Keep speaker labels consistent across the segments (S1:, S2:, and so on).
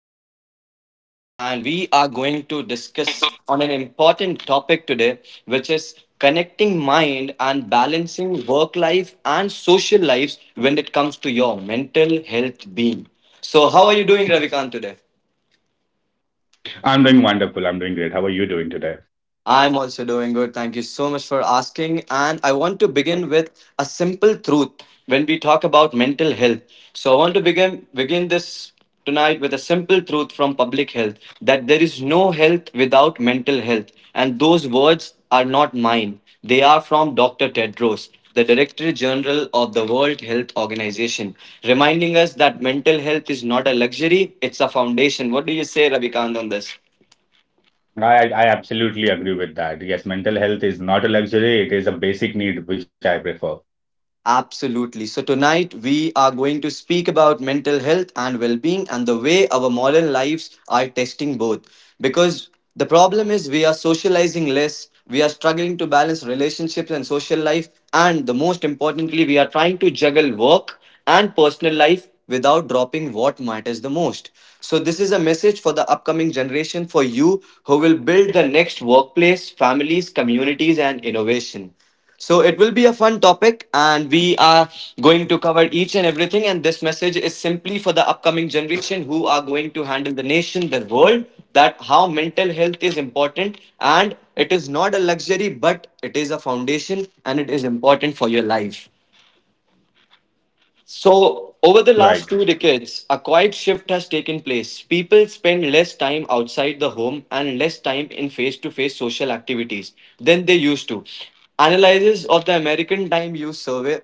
S1: Shukla with us tonight. And we are going to discuss on an important topic today, which is connecting mind and balancing work life and social lives when it comes to your mental health being. So, how are you doing, Ravikant, today?
S2: I'm doing wonderful. I'm doing great. How are you doing today?
S1: I'm also doing good. Thank you so much for asking. And I want to begin with a simple truth when we talk about mental health. So I want to begin this tonight with a simple truth from public health that there is no health without mental health. And those words are not mine. They are from Dr. Tedros, the Director General of the World Health Organization, reminding us that mental health is not a luxury, it's a foundation. What do you say, Ravikant, on this?
S2: I absolutely agree with that. Yes, mental health is not a luxury, it is a basic need, which I prefer.
S1: Absolutely. So, tonight we are going to speak about mental health and well being and the way our modern lives are testing both. Because the problem is we are socializing less, we are struggling to balance relationships and social life, and the most importantly, we are trying to juggle work and personal life without dropping what matters the most. So, this is a message for the upcoming generation, for you who will build the next workplace, families, communities, and innovation. So it will be a fun topic, and we are going to cover each and everything. And this message is simply for the upcoming generation who are going to handle the nation, the world, that how mental health is important, and it is not a luxury, but it is a foundation, and it is important for your life.
S2: Right.
S1: So, over the last 2 decades, a quiet shift has taken place. People spend less time outside the home and less time in face to face social activities than they used to. Analysis of the American Time Use Survey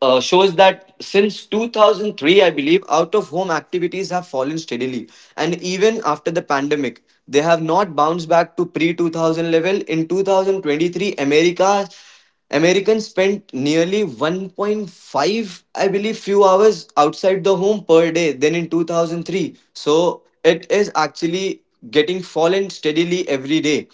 S1: shows that since 2003, I believe, out of home activities have fallen steadily. And even after the pandemic, they have not bounced back to pre 2000 level. In 2023, Americans spent nearly 1.5, I believe, few hours outside the home per day than in 2003. So it is actually getting fallen steadily every day.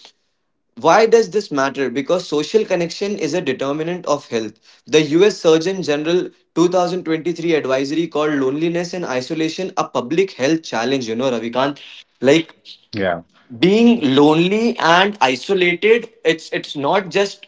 S1: Why does this matter? Because social connection is a determinant of health. The US Surgeon General 2023 advisory called loneliness and isolation a public health challenge, you know, Ravikant. Like,
S2: Yeah.
S1: being lonely and isolated, it's not just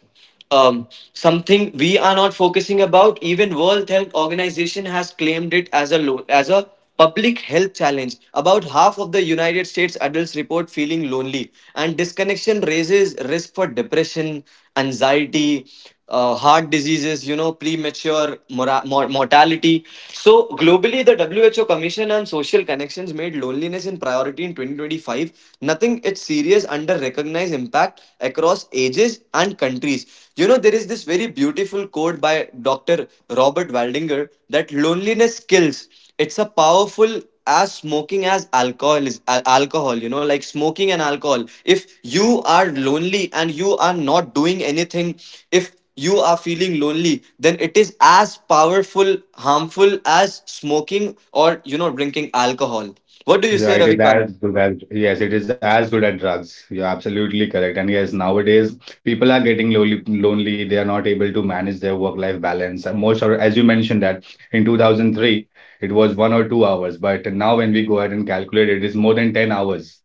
S1: um, something we are not focusing about. Even World Health Organization has claimed it as a public health challenge. About half of the United States adults report feeling lonely, and disconnection raises risk for depression, anxiety, heart diseases, you know, premature mortality. So, globally, the WHO Commission on Social Connections made loneliness in priority in 2025. Nothing it's serious under recognized impact across ages and countries. You know, there is this very beautiful quote by Dr. Robert Waldinger that loneliness kills. It's a powerful as smoking, as alcohol. You know, like smoking and alcohol, if you are lonely and you are not doing anything, if you are feeling lonely, then it is as powerful harmful as smoking or, you know, drinking alcohol. What do you say,
S2: Yeah,
S1: Ravikant?
S2: it is as good as drugs. You're absolutely correct. And yes, nowadays people are getting lonely, lonely. They are not able to manage their work-life balance. And most of, as you mentioned that in 2003, it was 1 or 2 hours, but now when we go ahead and calculate, it is more than 10 hours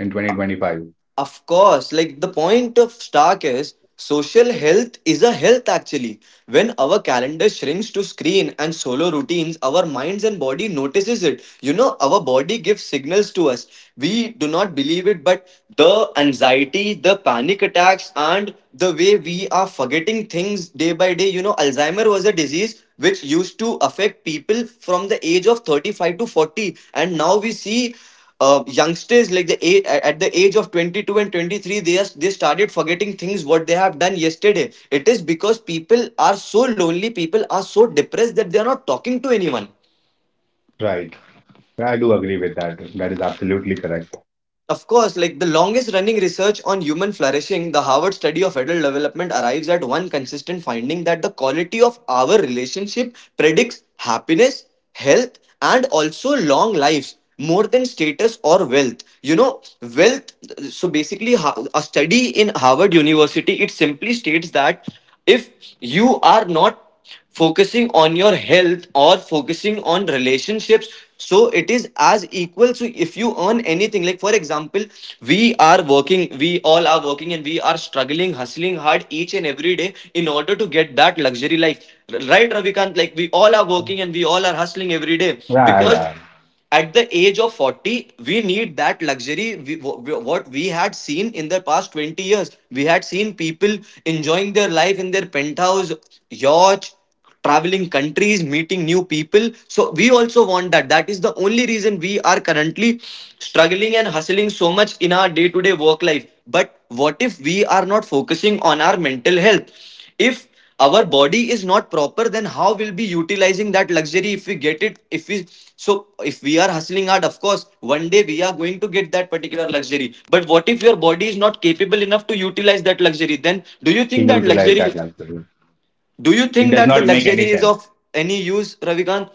S2: in 2025.
S1: Of course, like, the point of Stark is social health is a health actually. When our calendar shrinks to screen and solo routines, our minds and body notices it. You know, our body gives signals to us. We do not believe it, but the anxiety, the panic attacks, and the way we are forgetting things day by day. You know, Alzheimer was a disease which used to affect people from the age of 35 to 40, and now we see youngsters like at the age of 22 and 23, they are, they started forgetting things what they have done yesterday. It is because people are so lonely, people are so depressed that they are not talking to anyone.
S2: Right. Yeah, I do agree with that. That is absolutely correct.
S1: Of course, like, the longest running research on human flourishing, the Harvard study of adult development, arrives at one consistent finding that the quality of our relationship predicts happiness, health, and also long lives more than status or wealth. You know, wealth. So basically, a study in Harvard University, it simply states that if you are not focusing on your health or focusing on relationships, so it is as equal. So if you earn anything, like for example, we are working, we all are working, and we are struggling, hustling hard each and every day in order to get that luxury life. Right, Ravikant? Like, we all are working and we all are hustling every day,
S2: Yeah,
S1: because
S2: yeah.
S1: at the age of 40 we need that luxury. What we had seen in the past 20 years, we had seen people enjoying their life in their penthouse, yacht, traveling countries, meeting new people. So we also want that. That is the only reason we are currently struggling and hustling so much in our day to day work life. But what if we are not focusing on our mental health? If our body is not proper, then how we'll be utilizing that luxury if we get it, if we? So if we are hustling hard, of course one day we are going to get that particular luxury, but what if your body is not capable enough to utilize that luxury? Then do
S2: He
S1: you think that
S2: utilized that
S1: luxury,
S2: luxury.
S1: do you
S2: It does
S1: think
S2: not
S1: that the
S2: make any
S1: luxury
S2: sense.
S1: is of any use, Ravikant?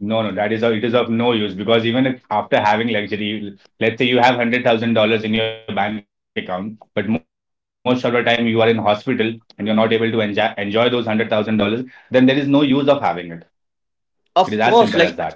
S2: No, no, it is of no use because even if after having luxury, let's say you have $100,000 in your bank account, but most of the time you are in hospital and you're not able to enjoy those $100,000, then there is no use of having it. It is as simple as that.
S1: Of course, like,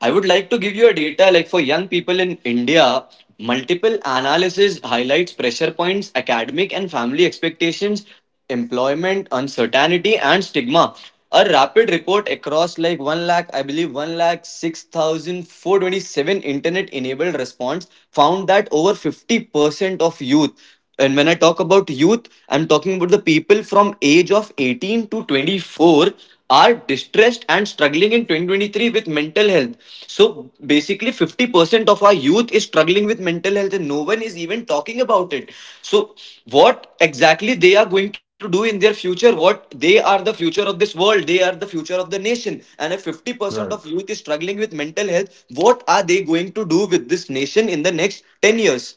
S1: I would like to give you a data, like for young people in India, multiple analysis highlights pressure points, academic and family expectations, employment, uncertainty, and stigma. A rapid report across like 1 lakh, I believe, 1 lakh six thousand four twenty-seven internet enabled response found that over 50% of youth, and when I talk about youth, I'm talking about the people from age of 18 to 24, are distressed and struggling in 2023 with mental health. So basically, 50% of our youth is struggling with mental health and no one is even talking about it. So what exactly they are going to do in their future? What they are, the future of this world. They are the future of the nation. And if 50%
S2: Right.
S1: of youth is struggling with mental health, what are they going to do with this nation in the next 10 years?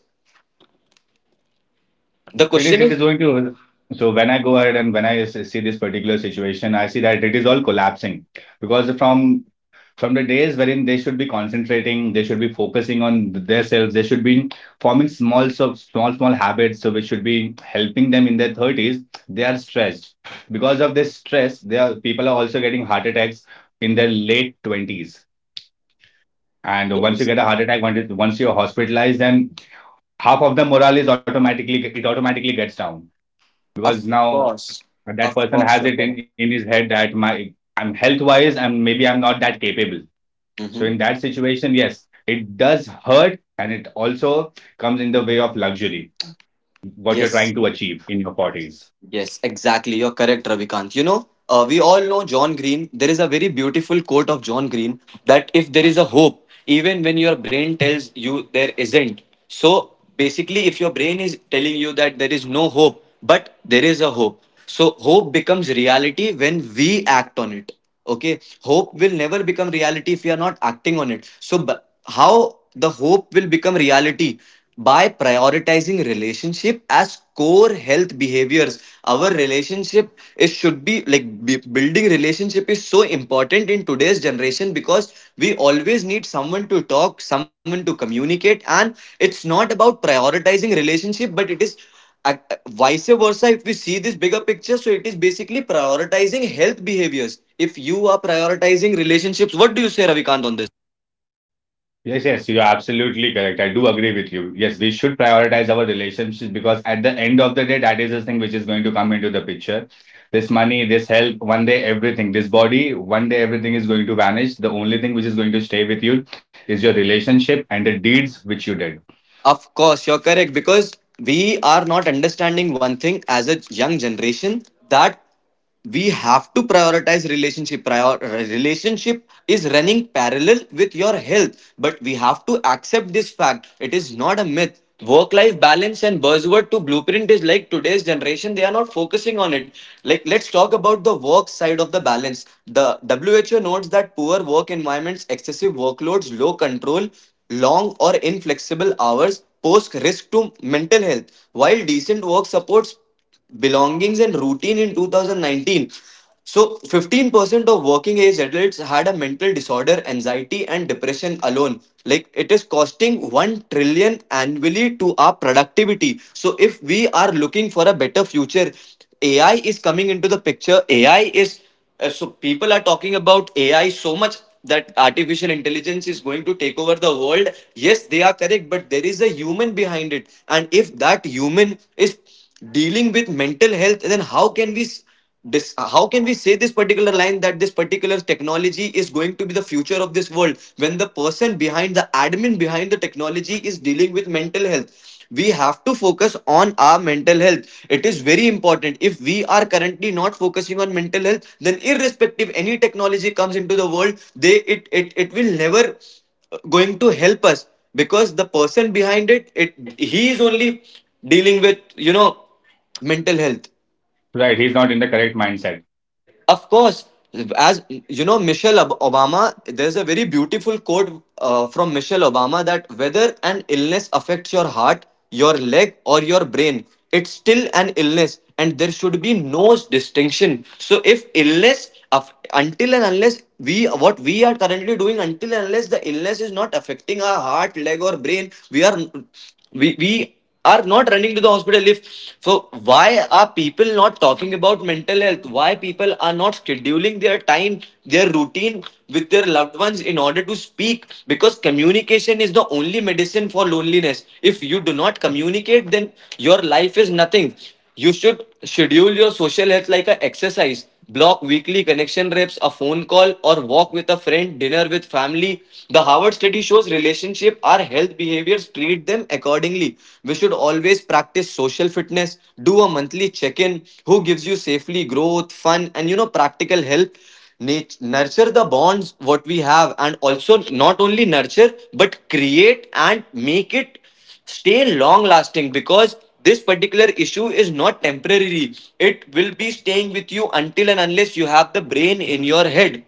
S1: The
S2: It
S1: question
S2: is
S1: is.
S2: going to So when I go ahead and when I see this particular situation, I see that it is all collapsing because from the days wherein they should be concentrating, they should be focusing on themselves, they should be forming small, habits, so we should be helping them in their 30s. They are stressed because of this stress. They are People are also getting heart attacks in their late 20s. And once you get a heart attack, once you're hospitalized, then half of the morale is automatically, it automatically gets down, because
S1: Of
S2: now
S1: course,
S2: that
S1: of
S2: person
S1: course,
S2: has
S1: you're
S2: it in,
S1: correct.
S2: in his head that my I'm health wise and maybe I'm not that capable, so in
S1: Mm-hmm.
S2: that situation, yes, it does hurt, and it also comes in the way of luxury, what you're trying to
S1: Yes,
S2: achieve in your 40s.
S1: yes, exactly. You're correct, Ravikant. You know, we all know John Green. There is a very beautiful quote of John Green that if there is a hope, even when your brain tells you there isn't. So basically, if your brain is telling you that there is no hope, but there is a hope. So hope becomes reality when we act on it. Okay, hope will never become reality if we are not acting on it. So how the hope will become reality? By prioritizing relationship as core health behaviors. Our relationship, it should be like, building relationship is so important in today's generation, because we always need someone to talk, someone to communicate. And it's not about prioritizing relationship, but it is, vice versa, if we see this bigger picture. So it is basically prioritizing health behaviors if you are prioritizing relationships. What do you say, Ravikant, on this?
S2: Yes, yes, you're absolutely correct. I do agree with you. Yes, we should prioritize our relationships because at the end of the day, that is the thing which is going to come into the picture. This money, this health, one day everything, this body, one day everything is going to vanish. The only thing which is going to stay with you is your relationship and the deeds which you did.
S1: Of course, you're correct, because we are not understanding one thing as a young generation, that we have to prioritize relationship. Prior relationship is running parallel with your health, but we have to accept this fact. It is not a myth. Work-life balance and buzzword to blueprint is like today's generation, they are not focusing on it. Like, let's talk about the work side of the balance. The WHO notes that poor work environments, excessive workloads, low control, long or inflexible hours pose risk to mental health, while decent work supports belongings and routine. In 2019, so 15% of working age adults had a mental disorder, anxiety, and depression alone. Like, it is costing 1 trillion annually to our productivity. So if we are looking for a better future, AI is coming into the picture. AI is, so people are talking about AI so much that artificial intelligence is going to take over the world. Yes, they are correct, but there is a human behind it, and if that human is dealing with mental health, then how can we? This, how can we say this particular line that this particular technology is going to be the future of this world when the person behind the admin behind the technology is dealing with mental health? We have to focus on our mental health. It is very important. If we are currently not focusing on mental health, then irrespective any technology comes into the world, it will never going to help us, because the person behind it, he is only dealing with mental health.
S2: Right, he's not in the correct mindset.
S1: Of course, as you know, Michelle Obama, there's a very beautiful quote from Michelle Obama, that whether an illness affects your heart, your leg, or your brain, it's still an illness and there should be no distinction. So, if illness, aff- until and unless, we what we are currently doing, until and unless the illness is not affecting our heart, leg, or brain, we are we are not running to the hospital. If so, why are people not talking about mental health? Why people are not scheduling their time, their routine with their loved ones in order to speak? Because communication is the only medicine for loneliness. If you do not communicate, then your life is nothing. You should schedule your social health like an exercise. Block weekly connection reps, a phone call, or walk with a friend, dinner with family. The Harvard study shows relationship are health behaviors. Treat them accordingly. We should always practice social fitness. Do a monthly check-in. Who gives you safely growth, fun, and practical health. Nurture the bonds what we have, and also not only nurture but create and make it stay long lasting, because this particular issue is not temporary. It will be staying with you until and unless you have the brain in your head.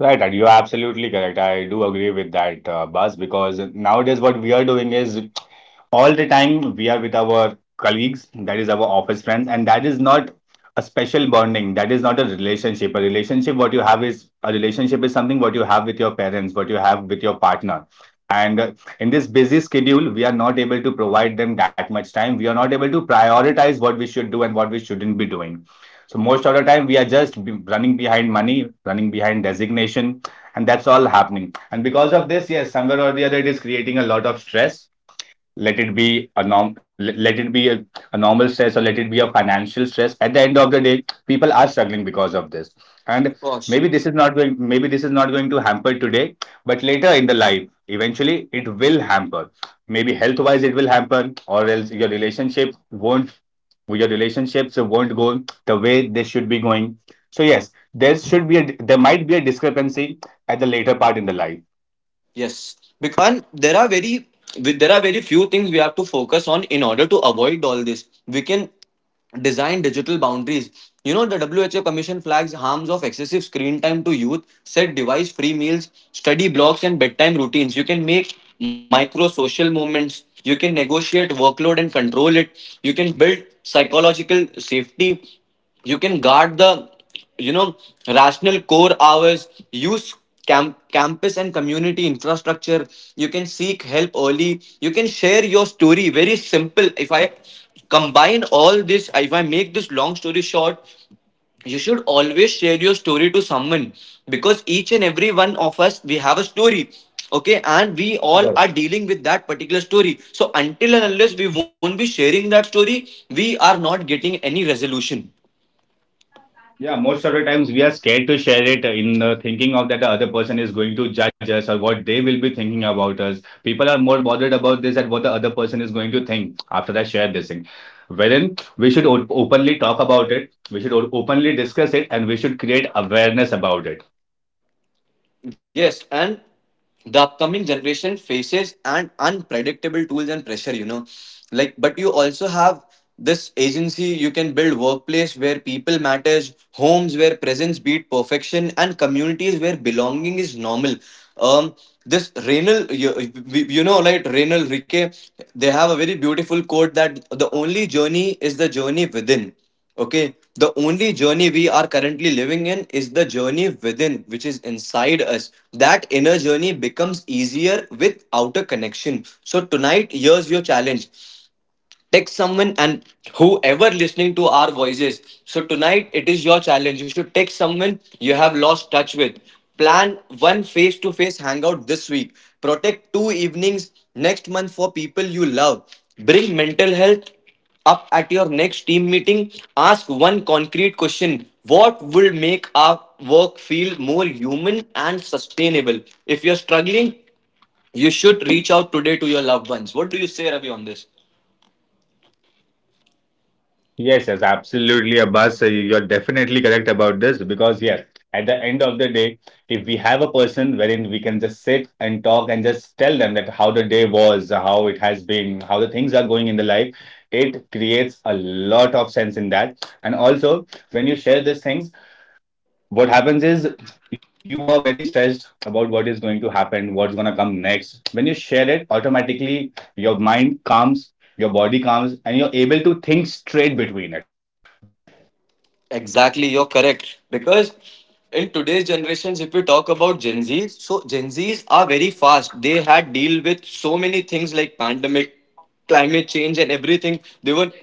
S2: Right, and you're absolutely correct. I do agree with that, Bas, because nowadays what we are doing is all the time we are with our colleagues, that is our office friends, and that is not a special bonding. That is not a relationship. A relationship, what you have, is a relationship is something what you have with your parents, what you have with your partner. And in this busy schedule, we are not able to provide them that much time. We are not able to prioritize what we should do and what we shouldn't be doing. So most of the time, we are just running behind money, running behind designation, and that's all happening. And because of this, yes, somewhere or the other, it is creating a lot of stress. Let it be a norm, let it be a normal stress, or let it be a financial stress, at the end of the day people are struggling because of this. And
S1: Boss.
S2: maybe this is not going to hamper today, but later in the life eventually it will hamper. Maybe health wise it will hamper, or else your relationships won't go the way they should be going. So yes, there should be a, there might be a discrepancy at the later part in the life.
S1: Yes, and there are very there are very few things we have to focus on in order to avoid all this. We can design digital boundaries. You know, the WHO Commission flags harms of excessive screen time to youth. Set device-free meals, study blocks, and bedtime routines. You can make micro social movements. You can negotiate workload and control it. You can build psychological safety. You can guard the you know rational core hours. Use camp, campus and community infrastructure. You can seek help early. You can share your story. Very simple, if I combine all this, if I make this long story short, you should always share your story to someone, because each and every one of us, we have a story. Okay, and we
S2: Right.
S1: all are dealing with that particular story, so until and unless we won't be sharing that story, we are not getting any resolution.
S2: Yeah, most of the times we are scared to share it, in the thinking of that the other person is going to judge us, or what they will be thinking about us. People are more bothered about this and what the other person is going to think after I share this thing. Wherein we should openly talk about it, we should openly discuss it, and we should create awareness about it.
S1: Yes, and the upcoming generation faces an unpredictable tools and pressure, you know. Like, but you also have this agency. You can build workplace where people matters, homes where presence beat perfection, and communities where belonging is normal. Um, this Renal, you know, like Renal Rike, they have a very beautiful quote that the only journey is the journey within. Okay, the only journey we are currently living in is the journey within, which is inside us. That inner journey becomes easier with outer connection. So, tonight, here's your challenge. Text someone, and whoever listening to our voices, so tonight it is your challenge, you should text someone you have lost touch with. Plan one face to face hangout this week. Protect two evenings next month for people you love. Bring mental health up at your next team meeting. Ask one concrete question: what would make our work feel more human and sustainable? If you're struggling, you should reach out today to your loved ones. What do you say, Ravi, on this?
S2: Yes, yes, absolutely, Abbas. You're definitely correct about this because, yes, at the end of the day, if we have a person wherein we can just sit and talk and just tell them that how the day was, how it has been, how the things are going in the life, it creates a lot of sense in that. And also, when you share these things, what happens is, you are very stressed about what is going to happen, what's going to come next. When you share it, automatically your mind calms, your body calms, and you're able to think straight between it.
S1: Exactly, you're correct. Because in today's generations, if we talk about Gen Zs, so Gen Zs are very fast. They had deal with so many things like pandemic, climate change, and everything. They were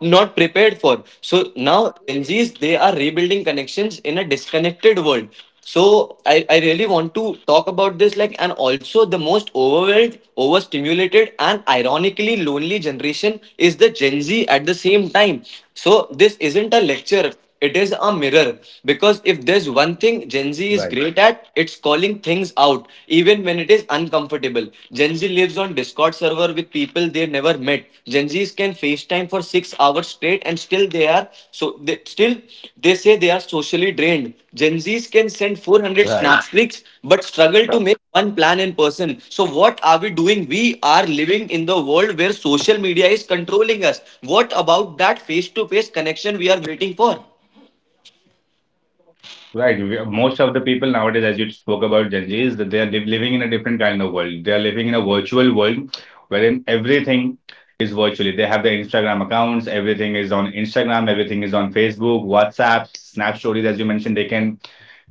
S1: not prepared for. So now Gen Zs, they are rebuilding connections in a disconnected world. So I really want to talk about this, like, and also the most overwhelmed, overstimulated and ironically lonely generation is the Gen Z at the same time. So this isn't a lecture, it is a mirror. Because if there's one thing Gen Z
S2: Right.
S1: is great at, it's calling things out, even when it is uncomfortable. Gen Z lives on Discord servers over with people they never met. Gen Zs can FaceTime for 6 hours straight, and still they are so still they say they are socially drained. Gen Zs can send 400
S2: Right.
S1: snap streaks but struggle to make one plan in person. So what are we doing? We are living in the world where social media is controlling us. What about that face-to-face connection we are waiting for?
S2: Right. Most of the people nowadays, as you spoke about Gen Z, is that they are living in a different kind of world. They are living in a virtual world wherein everything is virtually. They have their Instagram accounts, everything is on Instagram, everything is on Facebook, WhatsApp, Snap Stories, as you mentioned. They can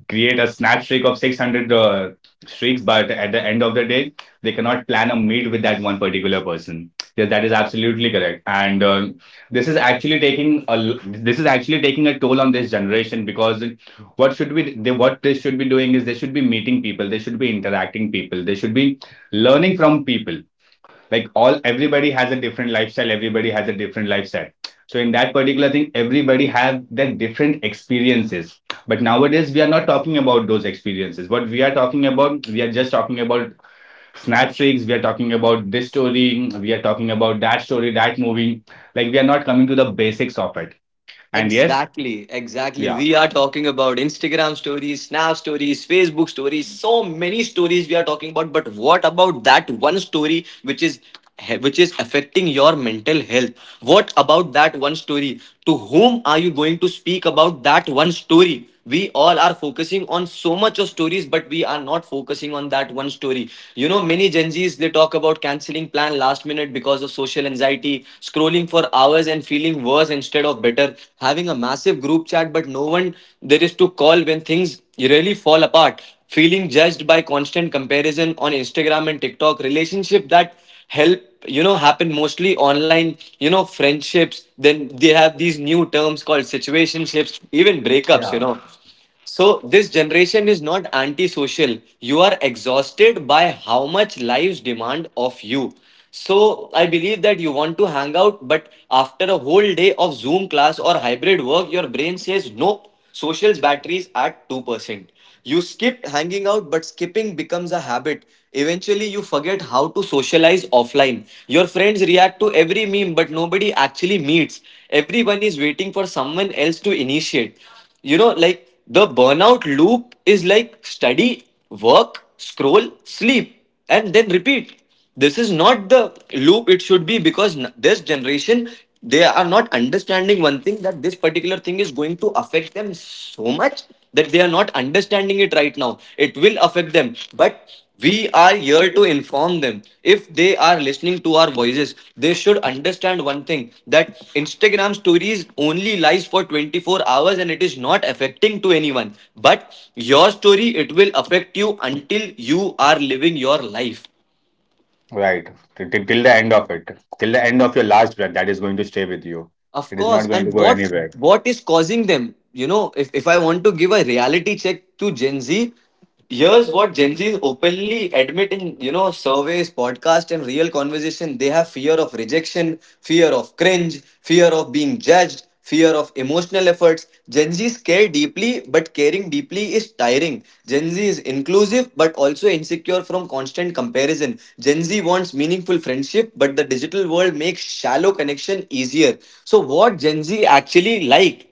S2: create a snap streak of 600 streaks, but at the end of the day, they cannot plan a meet with that one particular person. Yes, that is absolutely correct. And this is actually taking a this is actually taking a toll on this generation, because what they should be doing is they should be meeting people, they should be interacting people, they should be learning from people. Like, all everybody has a different lifestyle, everybody has a different lifestyle, so in that particular thing everybody have their different experiences, but nowadays we are not talking about those experiences. What we are talking about, we are just talking about snap streaks, we are talking about this story, we are talking about that story, that movie. Like, we are not coming to the basics of it. And yes,
S1: Exactly, exactly.
S2: yeah.
S1: We are talking about Instagram stories, Snap stories, Facebook stories, so many stories we are talking about. But what about that one story which is affecting your mental health? What about that one story? To whom are you going to speak about that one story? We all are focusing on so much of stories, but we are not focusing on that one story. You know, many Gen Zs, they talk about canceling plan last minute because of social anxiety, scrolling for hours and feeling worse instead of better, having a massive group chat but no one there is to call when things really fall apart, feeling judged by constant comparison on Instagram and TikTok, relationship that help, you know, happen mostly online, you know, friendships, then they have these new terms called situationships, even breakups, you
S2: Yeah.
S1: know. So this generation is not antisocial. You are exhausted by how much lives demand of you. So I believe that you want to hang out, but after a whole day of Zoom class or hybrid work, your brain says no. Social's batteries at 2%. You skipped hanging out, but skipping becomes a habit. Eventually, you forget how to socialize offline. Your friends react to every meme, but nobody actually meets. Everyone is waiting for someone else to initiate, you know. Like the burnout loop is like study, work, scroll, sleep and then repeat. This is not the loop it should be, because this generation, they are not understanding one thing, that this particular thing is going to affect them so much, that they are not understanding it right now. It will affect them, but we are here to inform them. If they are listening to our voices, they should understand one thing: that Instagram stories only lies for 24 hours and it is not affecting to anyone. But your story, it will affect you until you are living your life.
S2: Right. Till the end of it, till the end of your last breath, that is going to stay with you.
S1: Of
S2: It is not
S1: course.
S2: going
S1: And
S2: to go anywhere.
S1: what is causing them? You know, if I want to give a reality check to Gen Z, here's what Gen Z is openly admitting, you know, surveys, podcast, and real conversation. They have fear of rejection, fear of cringe, fear of being judged, fear of emotional efforts. Gen Zs care deeply, but caring deeply is tiring. Gen Z is inclusive, but also insecure from constant comparison. Gen Z wants meaningful friendship, but the digital world makes shallow connection easier. So, what Gen Z actually like,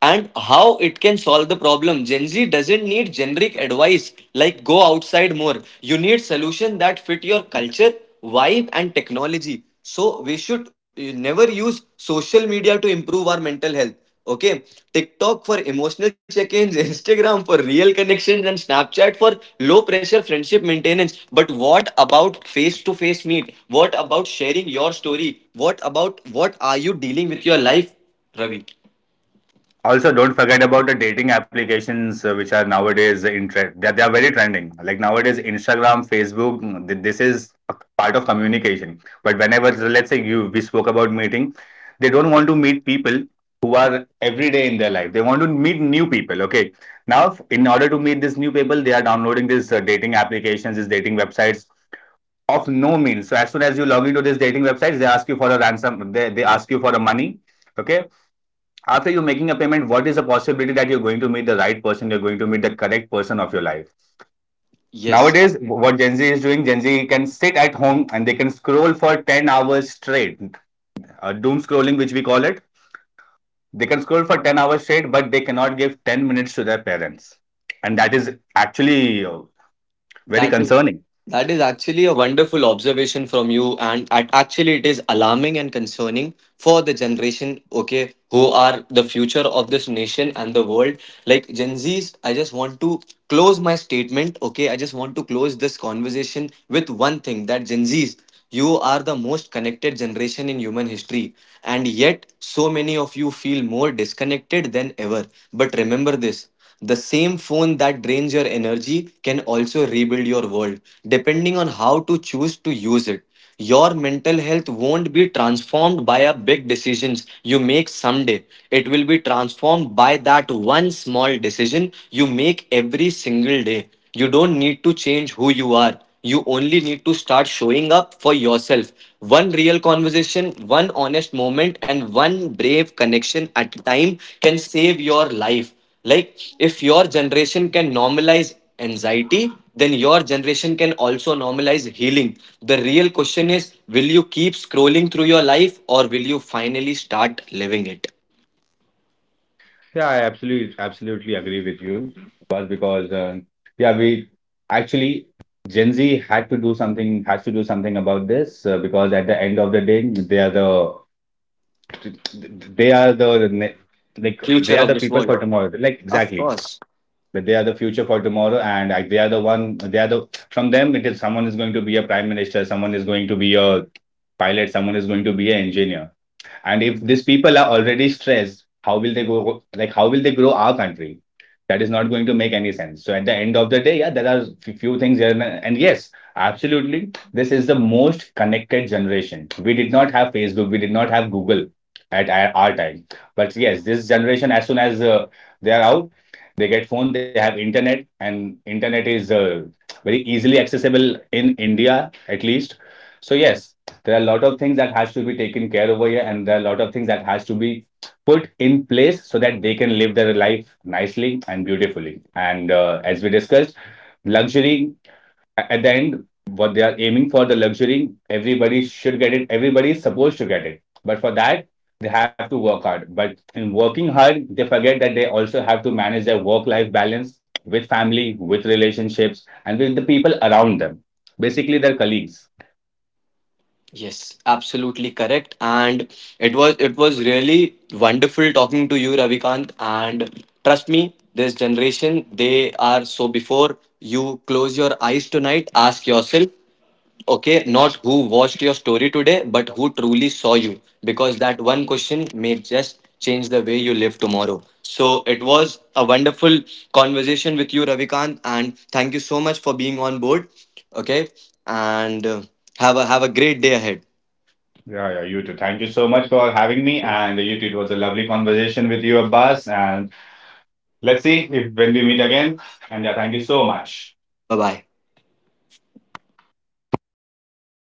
S1: and how it can solve the problem? Gen Z doesn't need generic advice like go outside more. You need solution that fit your culture, vibe and technology. So we should never use social media to improve our mental health. Okay, TikTok for emotional check-ins, Instagram for real connections and Snapchat for low pressure friendship maintenance. But what about face-to-face meet? What about sharing your story? What about what are you dealing with your life, Ravi?
S2: Also, don't forget about the dating applications, which are nowadays in trend. They are very trending. Like nowadays, Instagram, Facebook, this is a part of communication. But whenever, so let's say you we spoke about meeting, they don't want to meet people who are every day in their life. They want to meet new people. Okay. Now, in order to meet these new people, they are downloading these dating applications, these dating websites of no means. So as soon as you log into these dating websites, they ask you for a ransom. They ask you for a money. Okay, after you making a payment, what is the possibility that you're going to meet the right person, you're going to meet the correct person of your life?
S1: Yes.
S2: Nowadays, what Gen Z is doing, Gen Z can sit at home and they can scroll for 10 hours straight, doom scrolling, which we call it. They can scroll for 10 hours straight, but they cannot give 10 minutes to their parents. And that is actually, very
S1: That is
S2: concerning.
S1: that is actually a wonderful observation from you, and actually it is alarming and concerning for the generation, okay, who are the future of this nation and the world. Like Gen Zs, I just want to close my statement, okay. I just want to close this conversation with one thing, that Gen Zs, you are the most connected generation in human history, and yet so many of you feel more disconnected than ever. But remember this: the same phone that drains your energy can also rebuild your world, depending on how to choose to use it. Your mental health won't be transformed by a big decisions you make someday. It will be transformed by that one small decision you make every single day. You don't need to change who you are. You only need to start showing up for yourself. One real conversation, one honest moment, and one brave connection at a time can save your life. Like, if your generation can normalize anxiety, then your generation can also normalize healing. The real question is, will you keep scrolling through your life, or will you finally start living it?
S2: Yeah, I absolutely agree with you. Was, because yeah, we actually Gen Z had to do something has to do something about this, because at the end of the day, they are the they are the ne- like
S1: Future
S2: they are
S1: of
S2: the
S1: this
S2: people for
S1: world.
S2: tomorrow. Like
S1: Of
S2: exactly,
S1: course.
S2: that they are the future for tomorrow, and they are the one. They are the From them, It is someone is going to be a prime minister, someone is going to be a pilot, someone is going to be an engineer. And if these people are already stressed, how will they go? Like, how will they grow our country? That is not going to make any sense. So at the end of the day, yeah, there are few things here, and yes, absolutely, this is the most connected generation. We did not have Facebook, we did not have Google at our time, but yes, this generation, as soon as they are out, they get phone, they have internet, and internet is very easily accessible in India, at least. So yes, there are a lot of things that has to be taken care over here, and there are a lot of things that has to be put in place so that they can live their life nicely and beautifully, and as we discussed, luxury at the end, what they are aiming for, the luxury, everybody should get it, everybody is supposed to get it, but for that they have to work hard, but in working hard they forget that they also have to manage their work life balance, with family, with relationships, and with the people around them, basically their colleagues.
S1: Yes, absolutely correct. And it was really wonderful talking to you, Ravikant. And trust me, this generation, they are so, before you close your eyes tonight, ask yourself, okay, not who watched your story today, but who truly saw you. Because that one question may just change the way you live tomorrow. So it was a wonderful conversation with you, Ravikant, and thank you so much for being on board. Okay, and have a great day ahead.
S2: Yeah, yeah, you too. Thank you so much for having me. And you too, it was a lovely conversation with you, Abbas. And let's see if when we meet again. And yeah, thank you so much.
S1: Bye bye.